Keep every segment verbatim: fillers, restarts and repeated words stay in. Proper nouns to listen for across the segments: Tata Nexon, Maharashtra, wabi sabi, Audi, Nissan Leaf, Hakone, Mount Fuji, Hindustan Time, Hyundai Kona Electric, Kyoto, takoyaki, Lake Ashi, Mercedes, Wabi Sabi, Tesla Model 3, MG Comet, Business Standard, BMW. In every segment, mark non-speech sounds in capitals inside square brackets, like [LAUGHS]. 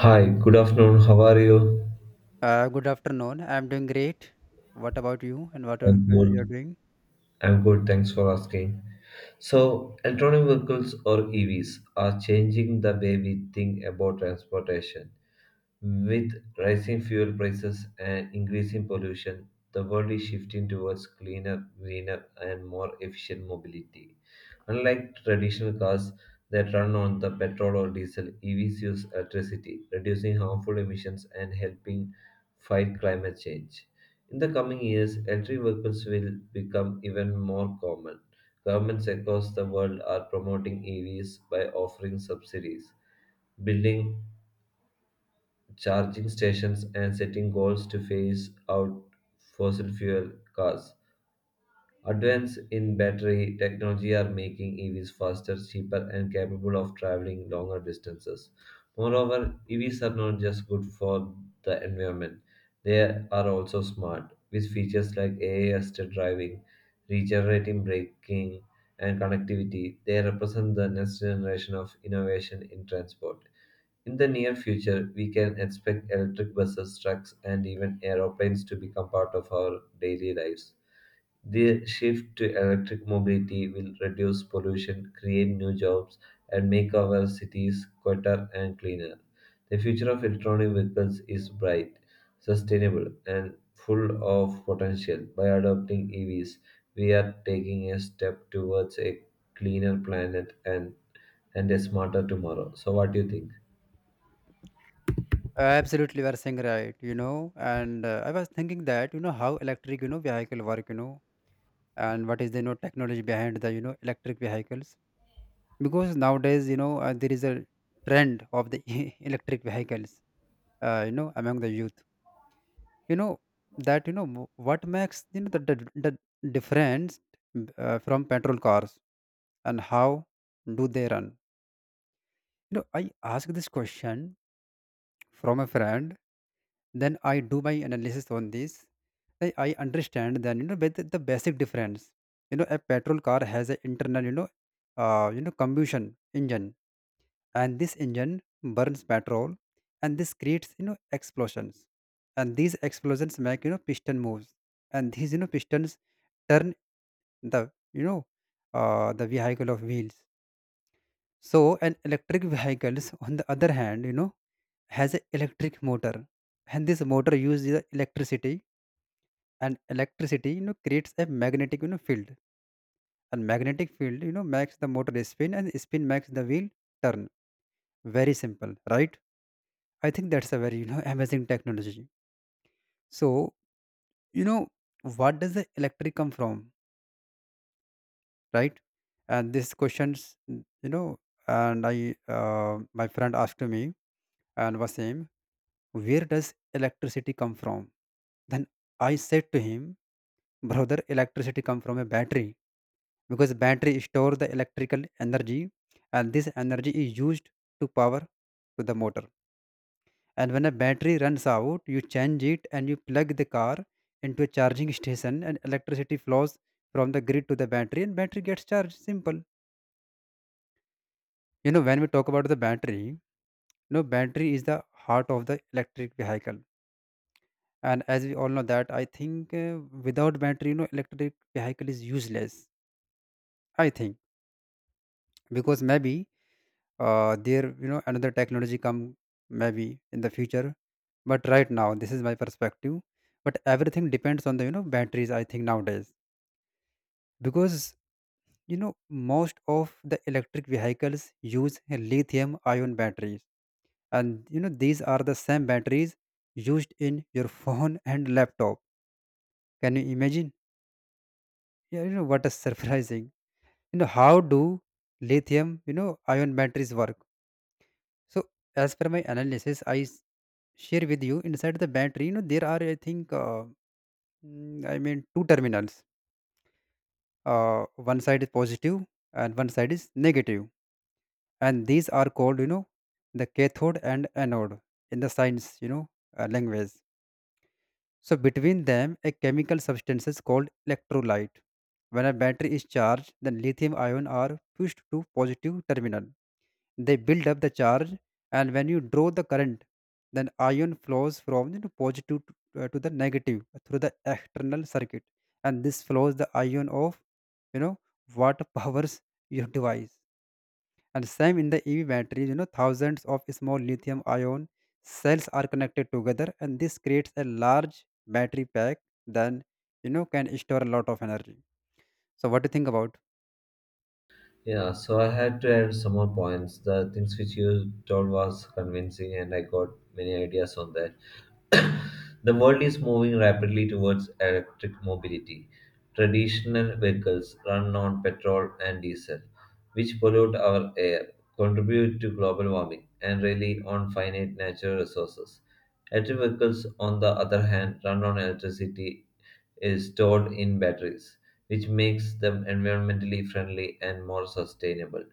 Hi, good afternoon. How are you? Uh, good afternoon. I'm doing great. What about you and what I'm are- uh, you're good. doing? I'm good. Thanks for asking. So, electronic vehicles or E Vs are changing the way we think about transportation. With rising fuel prices and increasing pollution, the world is shifting towards cleaner, greener, and more efficient mobility. Unlike traditional cars that run on the petrol or diesel, E Vs use electricity, reducing harmful emissions and helping fight climate change. In the coming years, electric vehicles will become even more common. Governments across the world are promoting E Vs by offering subsidies, building charging stations, and setting goals to phase out fossil fuel cars. Advances in battery technology are making E Vs faster, cheaper, and capable of traveling longer distances. Moreover, E Vs are not just good for the environment, they are also smart, with features like A I assisted driving, regenerative braking, and connectivity. They represent the next generation of innovation in transport. In the near future, we can expect electric buses, trucks, and even aeroplanes to become part of our daily lives. The shift to electric mobility will reduce pollution, create new jobs, and make our cities quieter and cleaner. The future of electronic vehicles is bright, sustainable, and full of potential. By adopting E Vs, we are taking a step towards a cleaner planet and, and a smarter tomorrow. So, what do you think? Uh, absolutely, you are saying right, you know. And uh, I was thinking that, you know, how electric, you know, vehicle work, you know, and what is the, you know, technology behind the, you know, electric vehicles. Because nowadays, you know, uh, there is a trend of the [LAUGHS] electric vehicles, uh, you know, among the youth. You know, that, you know, w- what makes, you know, the, the, the difference uh, from petrol cars, and how do they run? You know, I ask this question from a friend. Then I do my analysis on this. I, I understand. Then, you know with the basic difference, you know a petrol car has an internal, you know uh, you know combustion engine. And this engine burns petrol, and this creates, you know explosions. And these explosions make, you know piston moves. And these, you know pistons turn the you know uh, the vehicle of wheels. So an electric vehicles, on the other hand, you know has a electric motor. And this motor uses the electricity, and electricity, you know creates a magnetic, you know field. And magnetic field, you know makes the motor spin, and spin makes the wheel turn. Very simple, right? I think that's a very, you know [LAUGHS] amazing technology. So, you know what does the electric come from, right? And these questions, n- you know and I uh, my friend asked to me and was saying, where does electricity come from? Then I said to him, Brother, electricity come from a battery. Because battery store the electrical energy, and this energy is used to power to the motor. And when a battery runs out, you change it and you plug the car into a charging station, and electricity flows from the grid to the battery, and battery gets charged. Simple. You know, when we talk about the battery, you know, battery is the heart of the electric vehicle. And as we all know that, I think, uh, without battery, you know, electric vehicle is useless. I think, because maybe, uh, there, you know another technology come, maybe in the future. But right now this is my perspective. But everything depends on the, you know batteries, I think, nowadays. Because, you know most of the electric vehicles use lithium ion batteries. And, you know these are the same batteries used in your phone [LAUGHS] and laptop. Can you imagine? Yeah, you know what is [LAUGHS] surprising, you know how do lithium, you know ion batteries work? So, as per my analysis, I s- share with you, inside the battery, you know, there are, I think, uh, mm, I mean, two terminals. Uh, one side is positive, and one side is negative, and these are called, you know, the cathode and anode, in the science, you know, uh, language. So, between them, a chemical substance is called electrolyte. When a battery is charged, then lithium ion are pushed to positive terminal. They build up the charge, and when you draw the current, then ion flows from the positive to, uh, to the negative through the external circuit, and this flows the ion of, you know what [LAUGHS] powers your device. And same in the E V batteries, you know, thousands of small lithium ion cells are connected together, and this creates a large battery pack. Then, you know can store a lot of energy. So what do you think about? Yeah, so I had to add some more points. The things which you told was convincing, and I got many ideas on that. [COUGHS] The world is moving rapidly towards electric mobility. Traditional vehicles run on petrol and diesel, which pollute our air, contribute to global warming, and rely on finite natural resources. Electric vehicles, on the other hand, run on electricity is stored in batteries, which makes them environmentally friendly and more sustainable.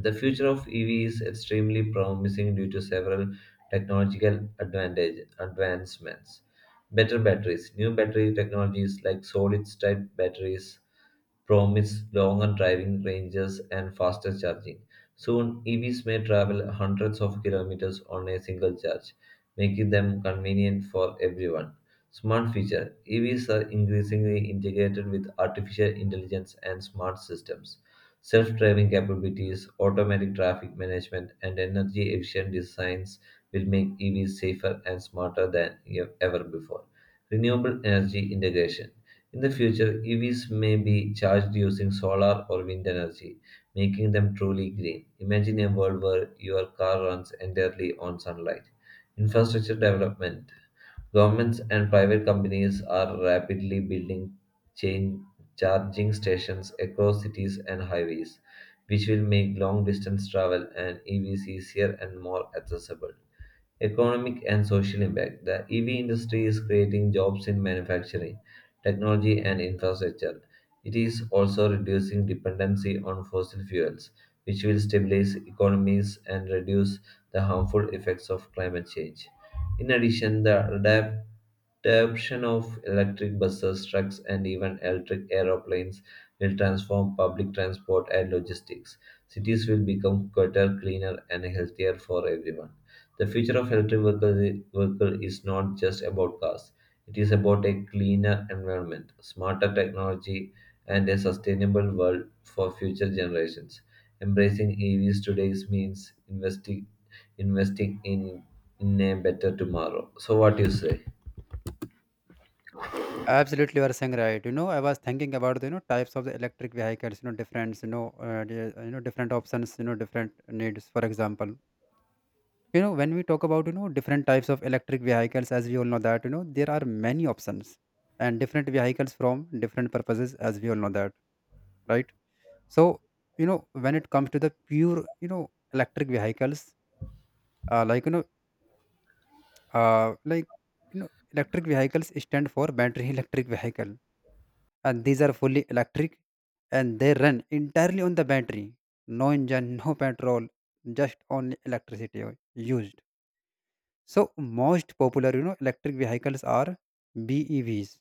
The future of E V is extremely promising due to several technological advantage, advancements. Better batteries. New battery technologies like solid state batteries promise longer driving ranges and faster charging. Soon, E Vs may travel hundreds of kilometers on a single charge, making them convenient for everyone. Smart feature E Vs are increasingly integrated with artificial intelligence and smart systems. Self-driving capabilities, automatic traffic management, and energy-efficient designs will make E Vs safer and smarter than e- ever before. Renewable energy integration. In the future, E Vs may be charged using solar or wind energy, making them truly green. Imagine a world where your car runs entirely on sunlight. Infrastructure development. Governments and private companies are rapidly building chain charging stations across cities and highways, which will make long distance travel and E Vs easier and more accessible. Economic and social impact. The E V industry is creating jobs in manufacturing, technology, and infrastructure. It is also reducing dependency on fossil fuels, which will stabilize economies and reduce the harmful effects of climate change. In addition, the adapt adoption of electric buses, trucks, and even electric aeroplanes will transform public transport and logistics. Cities will become quieter, cleaner, and healthier for everyone. The future of electric vehicle vehicle is not just about cars. It is about a cleaner environment, smarter technology, and a sustainable world for future generations. Embracing E Vs today means investing investing in, in a better tomorrow. So what you say? Absolutely, you are saying right. You know, I was thinking about the, you know types of the electric vehicles. You know, different, you know uh, the, you know different options. You know, different needs. For example, you know when we talk about, you know different types of electric vehicles, as we all know that, you know there are many options and different vehicles from different purposes, as we all know that, right? So, you know when it comes to the pure, you know electric vehicles, uh, like you know uh, like you know electric vehicles stand for battery [LAUGHS] electric vehicle. And these are fully electric, and they run entirely on the battery. No engine, [LAUGHS] no petrol, just only electricity u- used. So most popular, you know electric vehicles are B E Vs,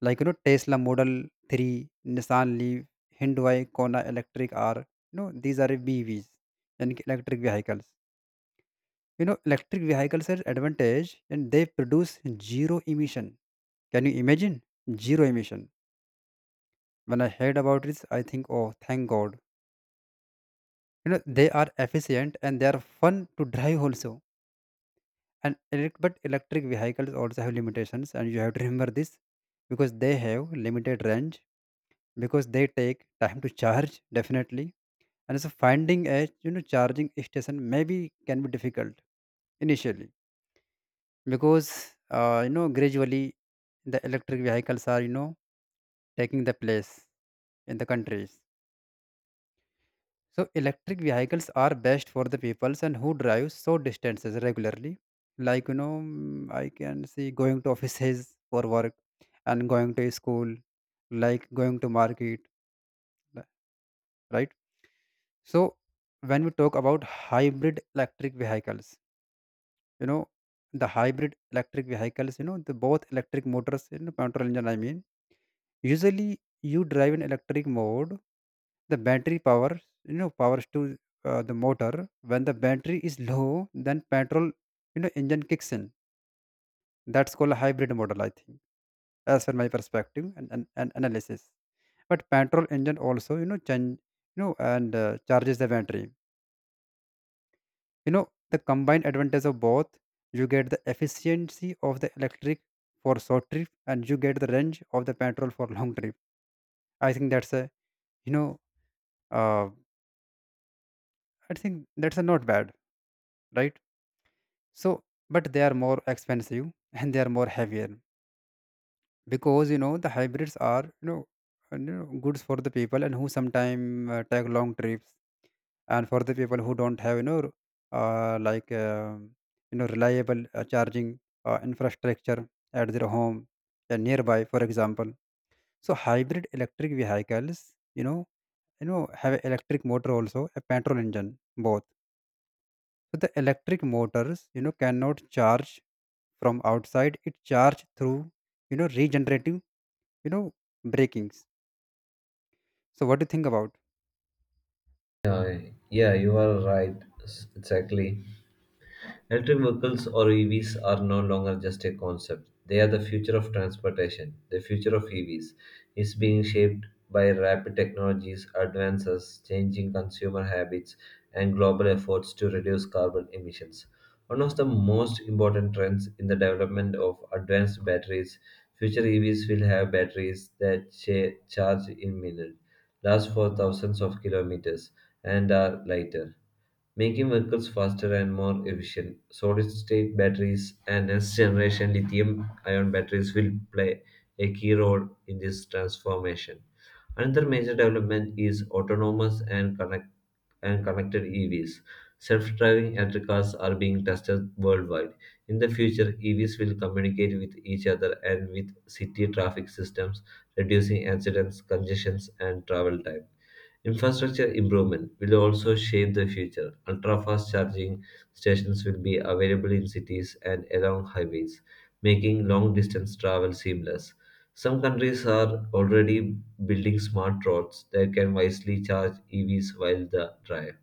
like, you know Tesla Model three, Nissan Leaf, Hyundai Kona Electric are, you know these are B E Vs. And electric vehicles, you know electric vehicles are advantage, and they produce zero emission. Can you imagine? Zero emission. When I heard about this, I think, oh thank god. you know they are efficient and they are fun to drive also. And elec- but electric vehicles also have limitations, and you have to remember this. Because they have limited range, because they take time to charge definitely. And so finding a, you know charging station maybe can be difficult initially. Because, uh, you know gradually the electric vehicles are, you know taking the place in the countries. So electric vehicles are best for the peoples and who drive short distances regularly. Like, you know, mm, I can see going to offices [LAUGHS] for work, and going to school, like going to market, li- right? So when we talk about hybrid electric vehicles, you know, the hybrid electric vehicles, you know, the both electric motors, you know, petrol engine, I mean. Usually, you drive in electric mode. The battery power, you know, powers to, uh, the motor. When the battery is low, then petrol, you know, engine kicks in. That's called a hybrid model, I think, as per my perspective and, and, and analysis. But petrol engine also, you know, change, you know, and uh, charges the battery. You know, the combined advantage of both, you get the efficiency of the electric for short trip, and you get the range of the petrol for long trip. I think that's a, you know, uh, I think that's a not bad, right? So, but they are more expensive [LAUGHS] and they are more heavier. Because, you know the hybrids are, you know, and, you know goods for the people and who sometime, uh, take long trips. And for the people who don't have, you know uh, like uh, you know reliable, uh, charging, uh, infrastructure at their home and nearby, for example. So hybrid electric vehicles, you know, you know have an electric motor also a petrol engine both. So the electric motors, you know, cannot charge from outside. It charge through, you know, regenerative, you know, breakings. So what do you think about? Yeah, yeah, you are right. S- Exactly. Electric vehicles or E Vs are no longer just a concept. They are the future of transportation. The future of E Vs is being shaped by rapid technologies, advances, changing consumer habits, and global efforts to reduce carbon emissions. One of the most important trends in the development of advanced batteries, future E Vs will have batteries that cha- charge in minutes, last for thousands of kilometers, and are lighter, making vehicles faster and more efficient. Solid state batteries and next generation lithium ion batteries will play a key role in this transformation. Another major development is autonomous and connect and connected E Vs. Self-driving electric cars are being tested worldwide. In the future, E Vs will communicate with each other and with city traffic systems, reducing accidents, congestions, and travel time. Infrastructure improvement will also shape the future. Ultra fast charging stations will be available in cities and along highways, making long distance travel seamless. Some countries are already building smart roads that can wisely charge E Vs while the drive.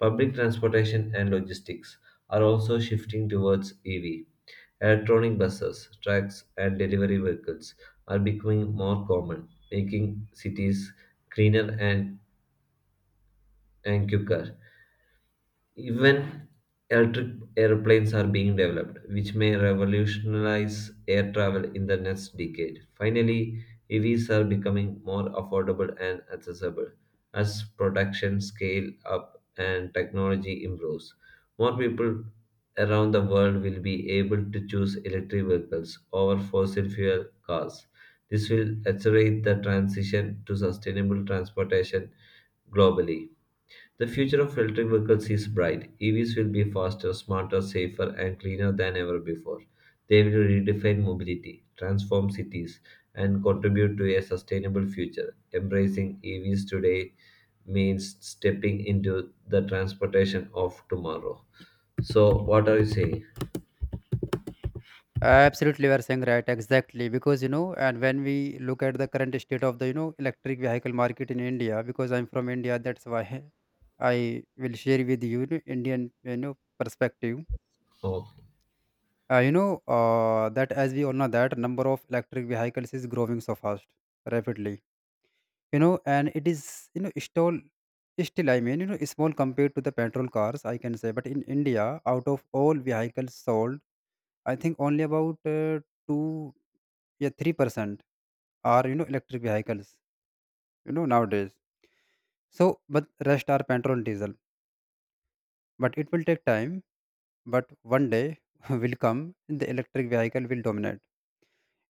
Public transportation and logistics are also shifting towards E V. Electronic buses, trucks, and delivery vehicles are becoming more common, making cities greener and and quicker. Even electric airplanes are being developed, which may revolutionize air travel in the next decade. Finally, E Vs are becoming more affordable and accessible as production scale up and technology improves. More people around the world will be able to choose electric vehicles over fossil fuel cars. This will accelerate the transition to sustainable transportation globally. The future of electric vehicles is bright. E Vs will be faster, smarter, safer, and cleaner than ever before. They will redefine mobility, transform cities, and contribute to a sustainable future. Embracing E Vs today means stepping into the transportation of tomorrow. So, what are you saying? Absolutely, you are saying right. Exactly, because, you know, and when we look at the current state of the, you know electric vehicle market in India, because I'm from India, that's why [LAUGHS] I will share with you the Indian, you know perspective. Oh, Uh, you know uh, that as we all know that number of electric vehicles is growing so fast, rapidly, you know and it is, you know still still, I mean, you know small compared to the petrol cars, I can say. But in india, out of all vehicles sold, I think only about, uh, two, yeah, three percent are, you know electric vehicles, you know nowadays. So but rest are petrol and diesel. But it will take time. But one day [LAUGHS] will come, the electric vehicle will dominate.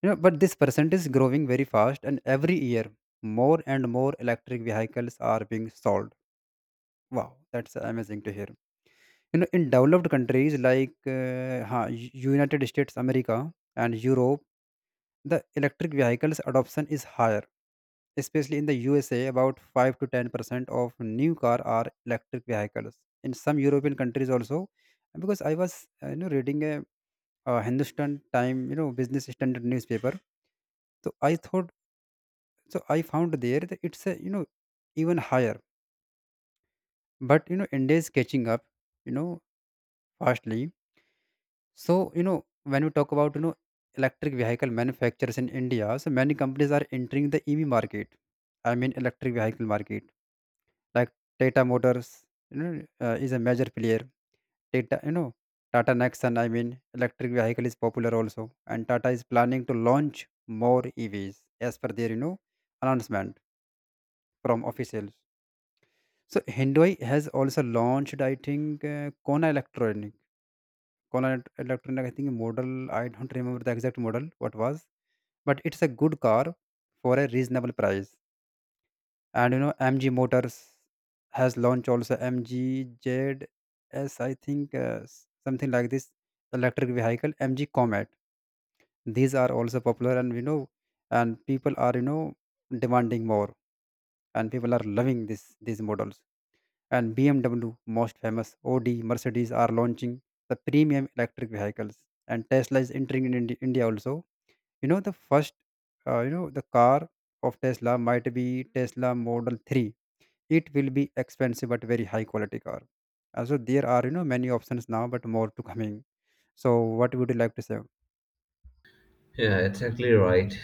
you know but this percent is growing very fast, and every year more and more electric vehicles are being sold. Wow, that's amazing to hear. You know, in developed countries like, uh, ha- United States, America, and Europe, the electric vehicles adoption is higher. Especially in the U S A, about five to ten percent of new car are electric vehicles. In some European countries also, because I was, uh, you know reading a, uh Hindustan Time, you know Business Standard newspaper. So I thought so I found there that it's a, you know even higher. But, you know India is catching up, you know fastly. So, you know, when we talk about, you know, electric vehicle manufacturers in India, so many companies are entering the E V market. I mean, electric vehicle market. Like Tata Motors, you know, uh, is a major player. Tata, you know, Tata Nexon, I mean, electric vehicle is popular also. And Tata is planning to launch more E Vs as per their, you know, announcement from officials. So Hyundai has also launched, I think, uh, Kona Electronic Konan Electronic, I think, model. I don't remember the exact model, what was, but it's a good car for a reasonable price. And, you know, M G Motors has launched also M G Z S, I think, uh, s- something like this electric vehicle, M G Comet. These are also popular, and you know, and people are, you know demanding more, and people are loving this these models. And B M W, most famous, Audi, Mercedes are launching the premium electric vehicles. And Tesla is entering in Indi- India also. You know, the first, uh, you know, the car of Tesla might be Tesla Model three. It will be expensive but very high quality car. Uh, So there are, you know, many options now, but more to coming. So what would you like to say? yeah, exactly right.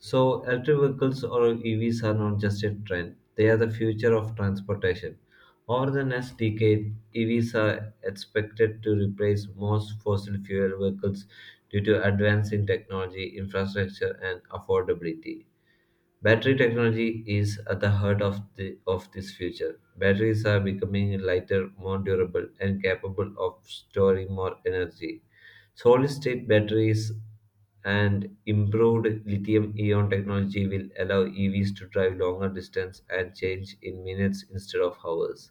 So, electric vehicles or E Vs are not just a trend, they are the future of transportation. Over the next decade, E Vs are expected to replace most fossil fuel vehicles due to advance in technology, infrastructure, and affordability. Battery technology is at the heart of, the, of this future. Batteries are becoming lighter, more durable, and capable of storing more energy. Solid state batteries and improved lithium ion technology will allow E Vs to drive longer distance and change in minutes instead of hours.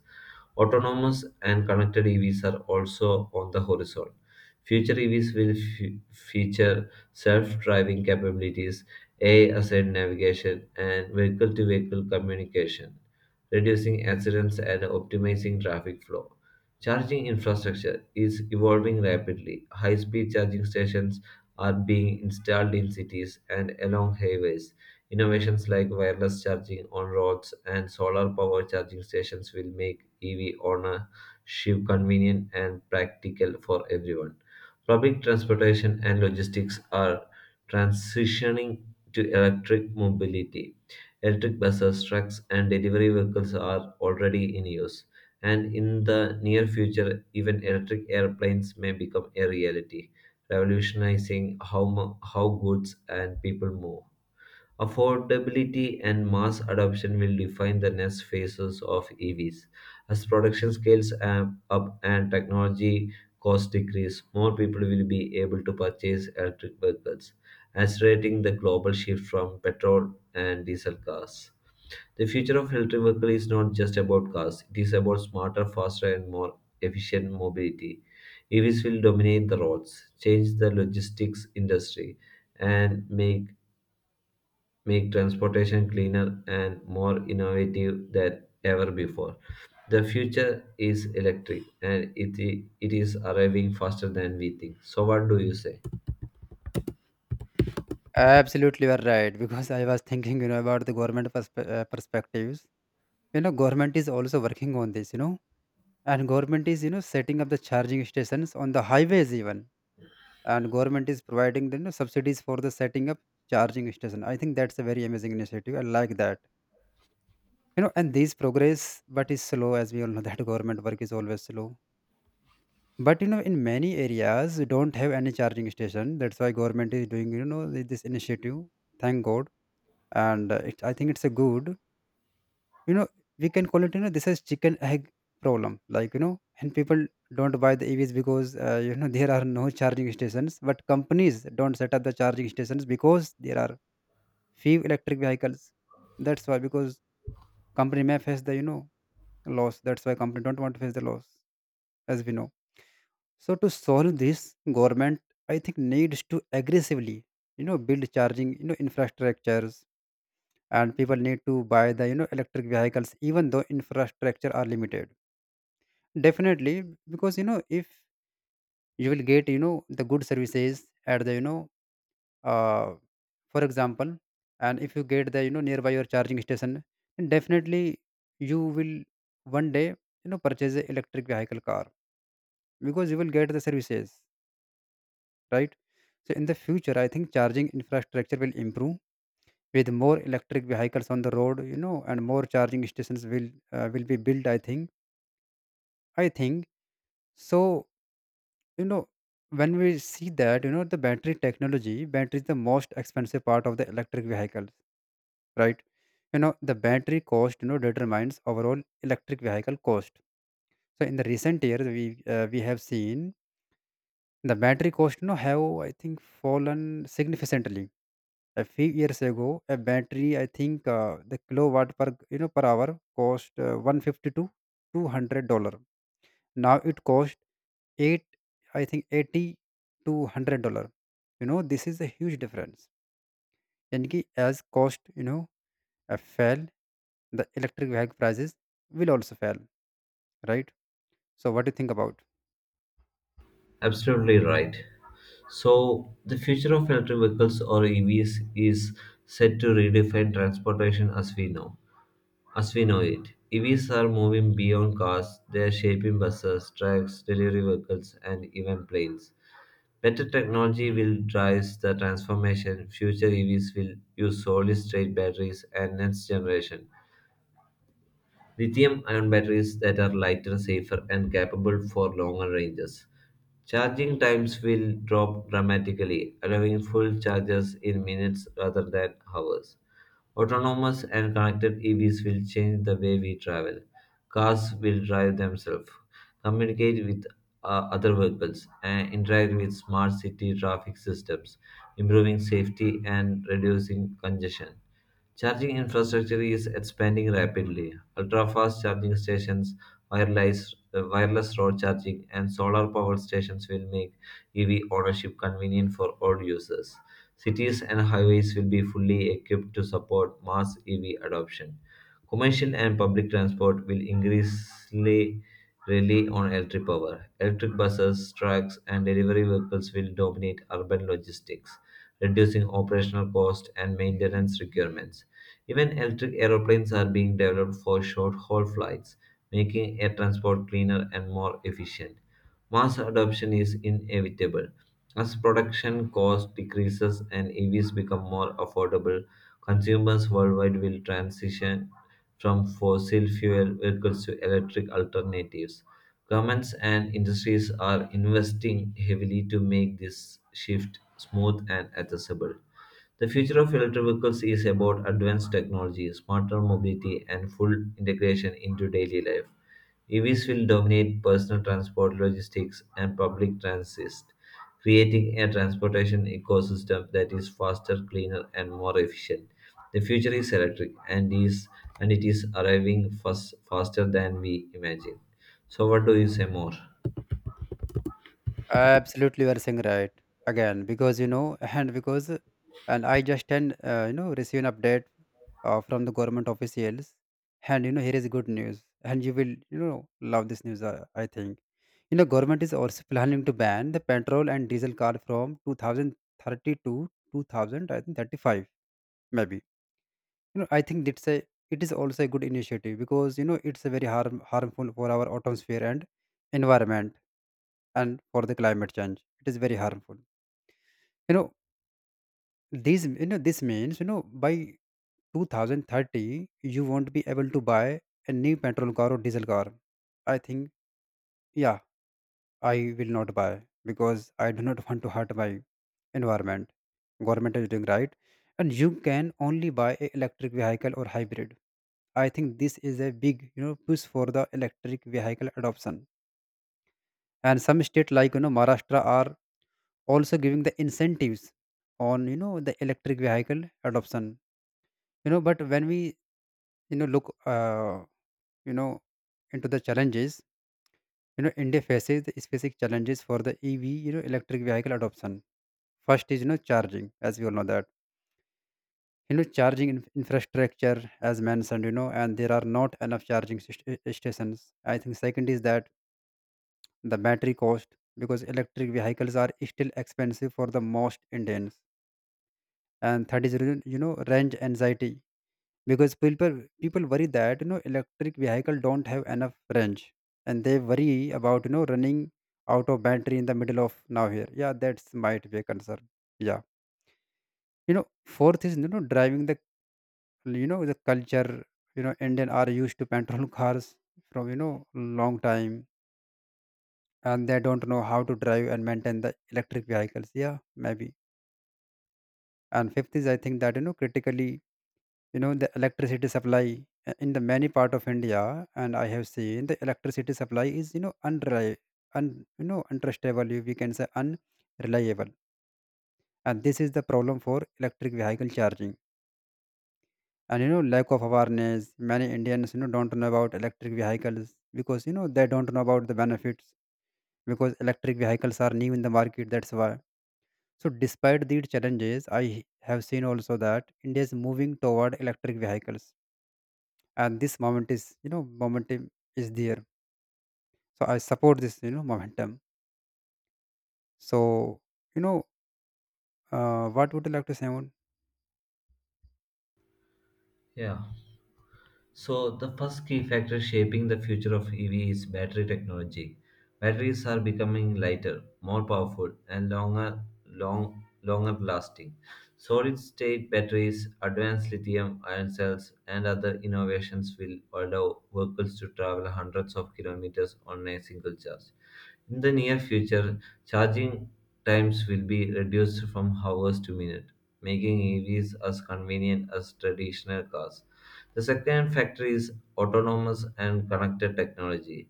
Autonomous and connected E Vs are also on the horizon. Future E Vs will fe- feature self driving capabilities, A I assisted navigation, and vehicle to vehicle communication, reducing accidents and optimizing traffic flow. Charging infrastructure is evolving rapidly. High speed charging stations are being installed in cities and along highways. Innovations like wireless charging on roads and solar power charging stations will make E V ownership convenient and practical for everyone. Public transportation and logistics are transitioning to electric mobility. Electric buses, trucks, and delivery vehicles are already in use. And in the near future, even electric airplanes may become a reality, revolutionizing how, mo- how goods and people move. Affordability and mass adoption will define the next phases of E Vs. As production scales am- up and technology costs decrease, more people will be able to purchase electric vehicles, accelerating the global shift from petrol and diesel cars. The future of electric vehicle is not just about cars, it is about smarter, faster, and more efficient mobility. E Vs will dominate the roads, change the logistics industry, and make make transportation cleaner and more innovative than ever before. The future is electric and it, i- it is arriving faster than we think. So, what do you say? Absolutely, you are right. Because I was thinking, you know, about the government perspe- uh, perspectives. You know, government is also working on this. You know, and government is you know setting up the charging stations on the highways even, and government is providing the you know, subsidies for the setting up charging station. I think that's a very amazing initiative. I like that, you know, and these progress but is slow, as we all know [LAUGHS] that government work is always slow. But you know, in many areas you don't have any charging station. That's why government is doing, you know, this initiative. Thank god. And uh, it, I think it's a good, you know, we can call it, you know, this is chicken egg problem, like, you know. And people don't buy the EVs because, uh, you know [LAUGHS] there are no charging stations, but companies don't set up the charging stations because there are few electric vehicles. That's why, because company may face the, you know, loss. That's why company don't want to face the loss, as we know. So to solve this, government, I think, needs to aggressively, you know, build charging, you know, infrastructures, and people need to buy the, you know, electric vehicles even though infrastructure are limited. Definitely, because you know, if you will get, you know, the good services at the, you know, uh, for example, and if you get the, you know, nearby your charging station, then definitely you will one day, you know, purchase a electric vehicle car, because you will get the services, right. So in the future, I think charging infrastructure will improve with more electric vehicles on the road, you know, and more charging stations will uh, will be built. I think. I think so. You know, when we see that, you know, the battery technology battery is the most expensive part of the electric vehicles, right. You know, the battery cost, you know, determines overall electric vehicle cost. So in the recent years, we uh, we have seen the battery cost, you know, have, I think, fallen significantly. A few years ago, a battery, I think, uh, the kilowatt per, you know, per hour cost uh, one fifty to two hundred dollars. Now it costs eight I think eighty to one hundred dollars. You know, this is a huge difference. And ki as cost, you know, uh, fell, the electric vehicle prices will also fall, right. So what do you think about Absolutely right. So, the future of electric vehicles or E Vs is set to redefine transportation as we know. As we know it, E Vs are moving beyond cars, they are shaping buses, trucks, delivery vehicles, and even planes. Better technology will drive the transformation. Future E Vs will use solid state batteries and next generation lithium ion batteries that are lighter, safer, and capable for longer ranges. Charging times will drop dramatically, allowing full charges in minutes rather than hours. Autonomous and connected E Vs will change the way we travel. Cars will drive themselves, communicate with uh, other vehicles, and interact with smart city traffic systems, improving safety and reducing congestion. Charging infrastructure is expanding rapidly. Ultra-fast charging stations, wireless, uh, wireless road charging, and solar-powered stations will make E V ownership convenient for all users. Cities and highways will be fully equipped to support mass E V adoption. Commercial and public transport will increasingly rely on electric power. Electric buses, trucks, and delivery vehicles will dominate urban logistics, reducing operational cost and maintenance requirements. Even electric aeroplanes are being developed for short haul flights, making air transport cleaner and more efficient. Mass adoption is inevitable. As production cost decreases and E Vs become more affordable, consumers worldwide will transition from fossil fuel vehicles to electric alternatives. Governments and industries are investing heavily to make this shift smooth and accessible. The future of electric vehicles is about advanced technology, smarter mobility, and full integration into daily life. E Vs will dominate personal transport, logistics, and public transit, creating a transportation ecosystem that is faster, cleaner, and more efficient. The future is electric, and is and it is arriving fast, faster than we imagine. So, what do you say more? absolutely you are saying right again, because you know [LAUGHS] and because and I just and uh, you know, receive an update uh, from the government officials, and you know, here is good news, and you will, you know, love this news, uh, I think. You know, government is also planning to ban the petrol and diesel car from two thousand thirty to two thousand, I think thirty-five maybe. You know, I think it's a it is also a good initiative because you know, it's a very harm harmful for our atmosphere and environment, and for the climate change. It is very harmful. You know, these you know, this means, you know, by twenty thirty you won't be able to buy a new petrol car or diesel car. I think. Yeah, I will not buy because I do not [LAUGHS] want to hurt my environment. Government is doing right, and you can only buy a electric vehicle or hybrid. I think this is a big, you know, push for the electric vehicle adoption. And some state like, you know, Maharashtra are also giving the incentives on, you know, the electric vehicle adoption. You know, but when we, you know, look, uh, you know into the challenges, you know, India faces the specific challenges for the E V, you know, electric vehicle adoption. First is, you know, charging, as we all know that, you know, charging in- infrastructure, as mentioned, you know, and there are not enough charging st- uh, stations. I think second is that the battery cost, because electric vehicles are still expensive for the most Indians. And third is, you you know, range anxiety, because people people worry that, you know, electric vehicle don't have enough range, and they worry about, you know, running out of battery in the middle of nowhere. Yeah, that's might be a concern. Yeah, you know, fourth is, you know, driving the, you know, the culture. You know, Indian are used to petrol [LAUGHS] cars from, you know, long time, and they don't know how to drive and maintain the electric vehicles. Yeah, maybe. And fifth is, I think, that, you know, critically, you know, the electricity supply uh, in the many part of India, and I have seen the electricity supply is, you know, unreli- un you know, untrustable, we can say, unreliable. And this is the problem for electric vehicle charging. And you know, lack of awareness, many Indians, you know, don't know about electric vehicles, because you know, they don't know about the benefits, because electric vehicles are new in the market, that's why. So despite these challenges, I have seen also that India is moving toward electric vehicles, and this moment is you know momentum is there. So I support this, you know, momentum. So, you know, uh, what would you like to say, Moon? Yeah. So, the first key factor shaping the future of E V is battery technology. Batteries are becoming lighter, more powerful, and longer, long, longer lasting. Solid-state batteries, advanced lithium-ion cells, and other innovations will allow vehicles to travel hundreds of kilometers on a single charge. In the near future, charging times will be reduced from hours to minutes, making E Vs as convenient as traditional cars. The second factor is autonomous and connected technology.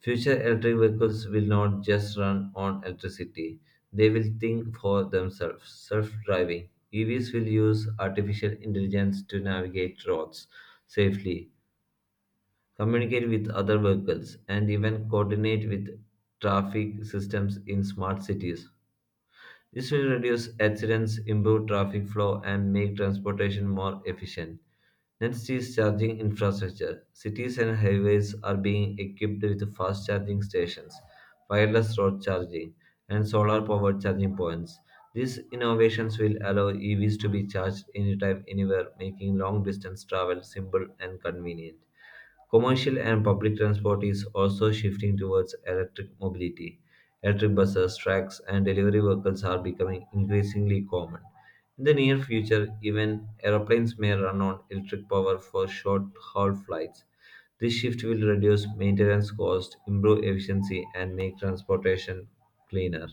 Future electric vehicles will not just run on electricity, they will think for themselves. Self driving E Vs will use artificial intelligence to navigate roads safely, communicate with other vehicles, and even coordinate with traffic systems in smart cities. This will reduce accidents, improve traffic flow, and make transportation more efficient. Next is charging infrastructure. Cities and highways are being equipped with fast charging stations, wireless road charging, and solar powered charging points. These innovations will allow E Vs to be charged anytime, anywhere, making long distance travel simple and convenient. Commercial and public transport is also shifting towards electric mobility. Electric buses, tracks, and delivery vehicles are becoming increasingly common. In the near future, even aeroplanes may run on electric power for short haul flights. This shift will reduce maintenance costs, improve efficiency, and make transportation cleaner.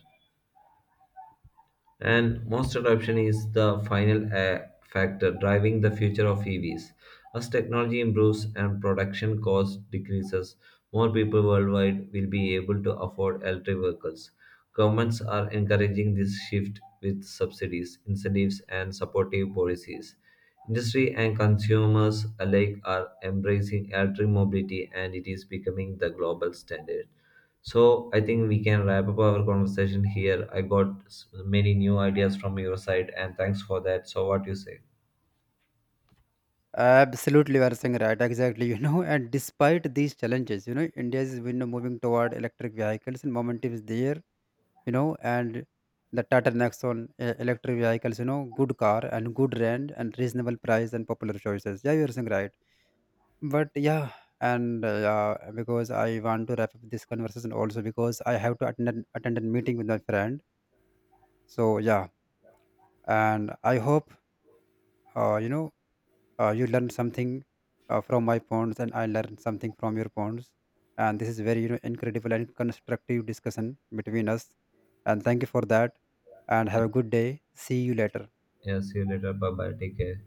And most adoption is the final uh, factor driving the future of E Vs. As technology improves and production cost decreases, more people worldwide will be able to afford electric vehicles. Governments are encouraging this shift with subsidies, incentives, and supportive policies. Industry and consumers alike are embracing electric mobility, and it is becoming the global standard. So I think we can wrap up our conversation here. I got s- many new ideas from your side, and thanks for that. So what you say? Absolutely, you are saying right. Exactly, you know, and despite these challenges, you know, India is, you know, moving toward electric vehicles, and momentum is there, you know, and the Tata Nexon uh, electric vehicles, you know, good car and good range and reasonable price and popular choices. Yeah, you are saying right. But yeah, and uh, yeah, because I want to wrap up this conversation also because I have to attend an- attend a meeting with my friend. So yeah, and I hope, uh, you know uh, you learn something uh, from my points, and I learn something from your points, and this is very, you know, incredible and constructive discussion between us, and thank you for that, and have a good day, see you later. Yeah, see you later. Bye bye. Take care.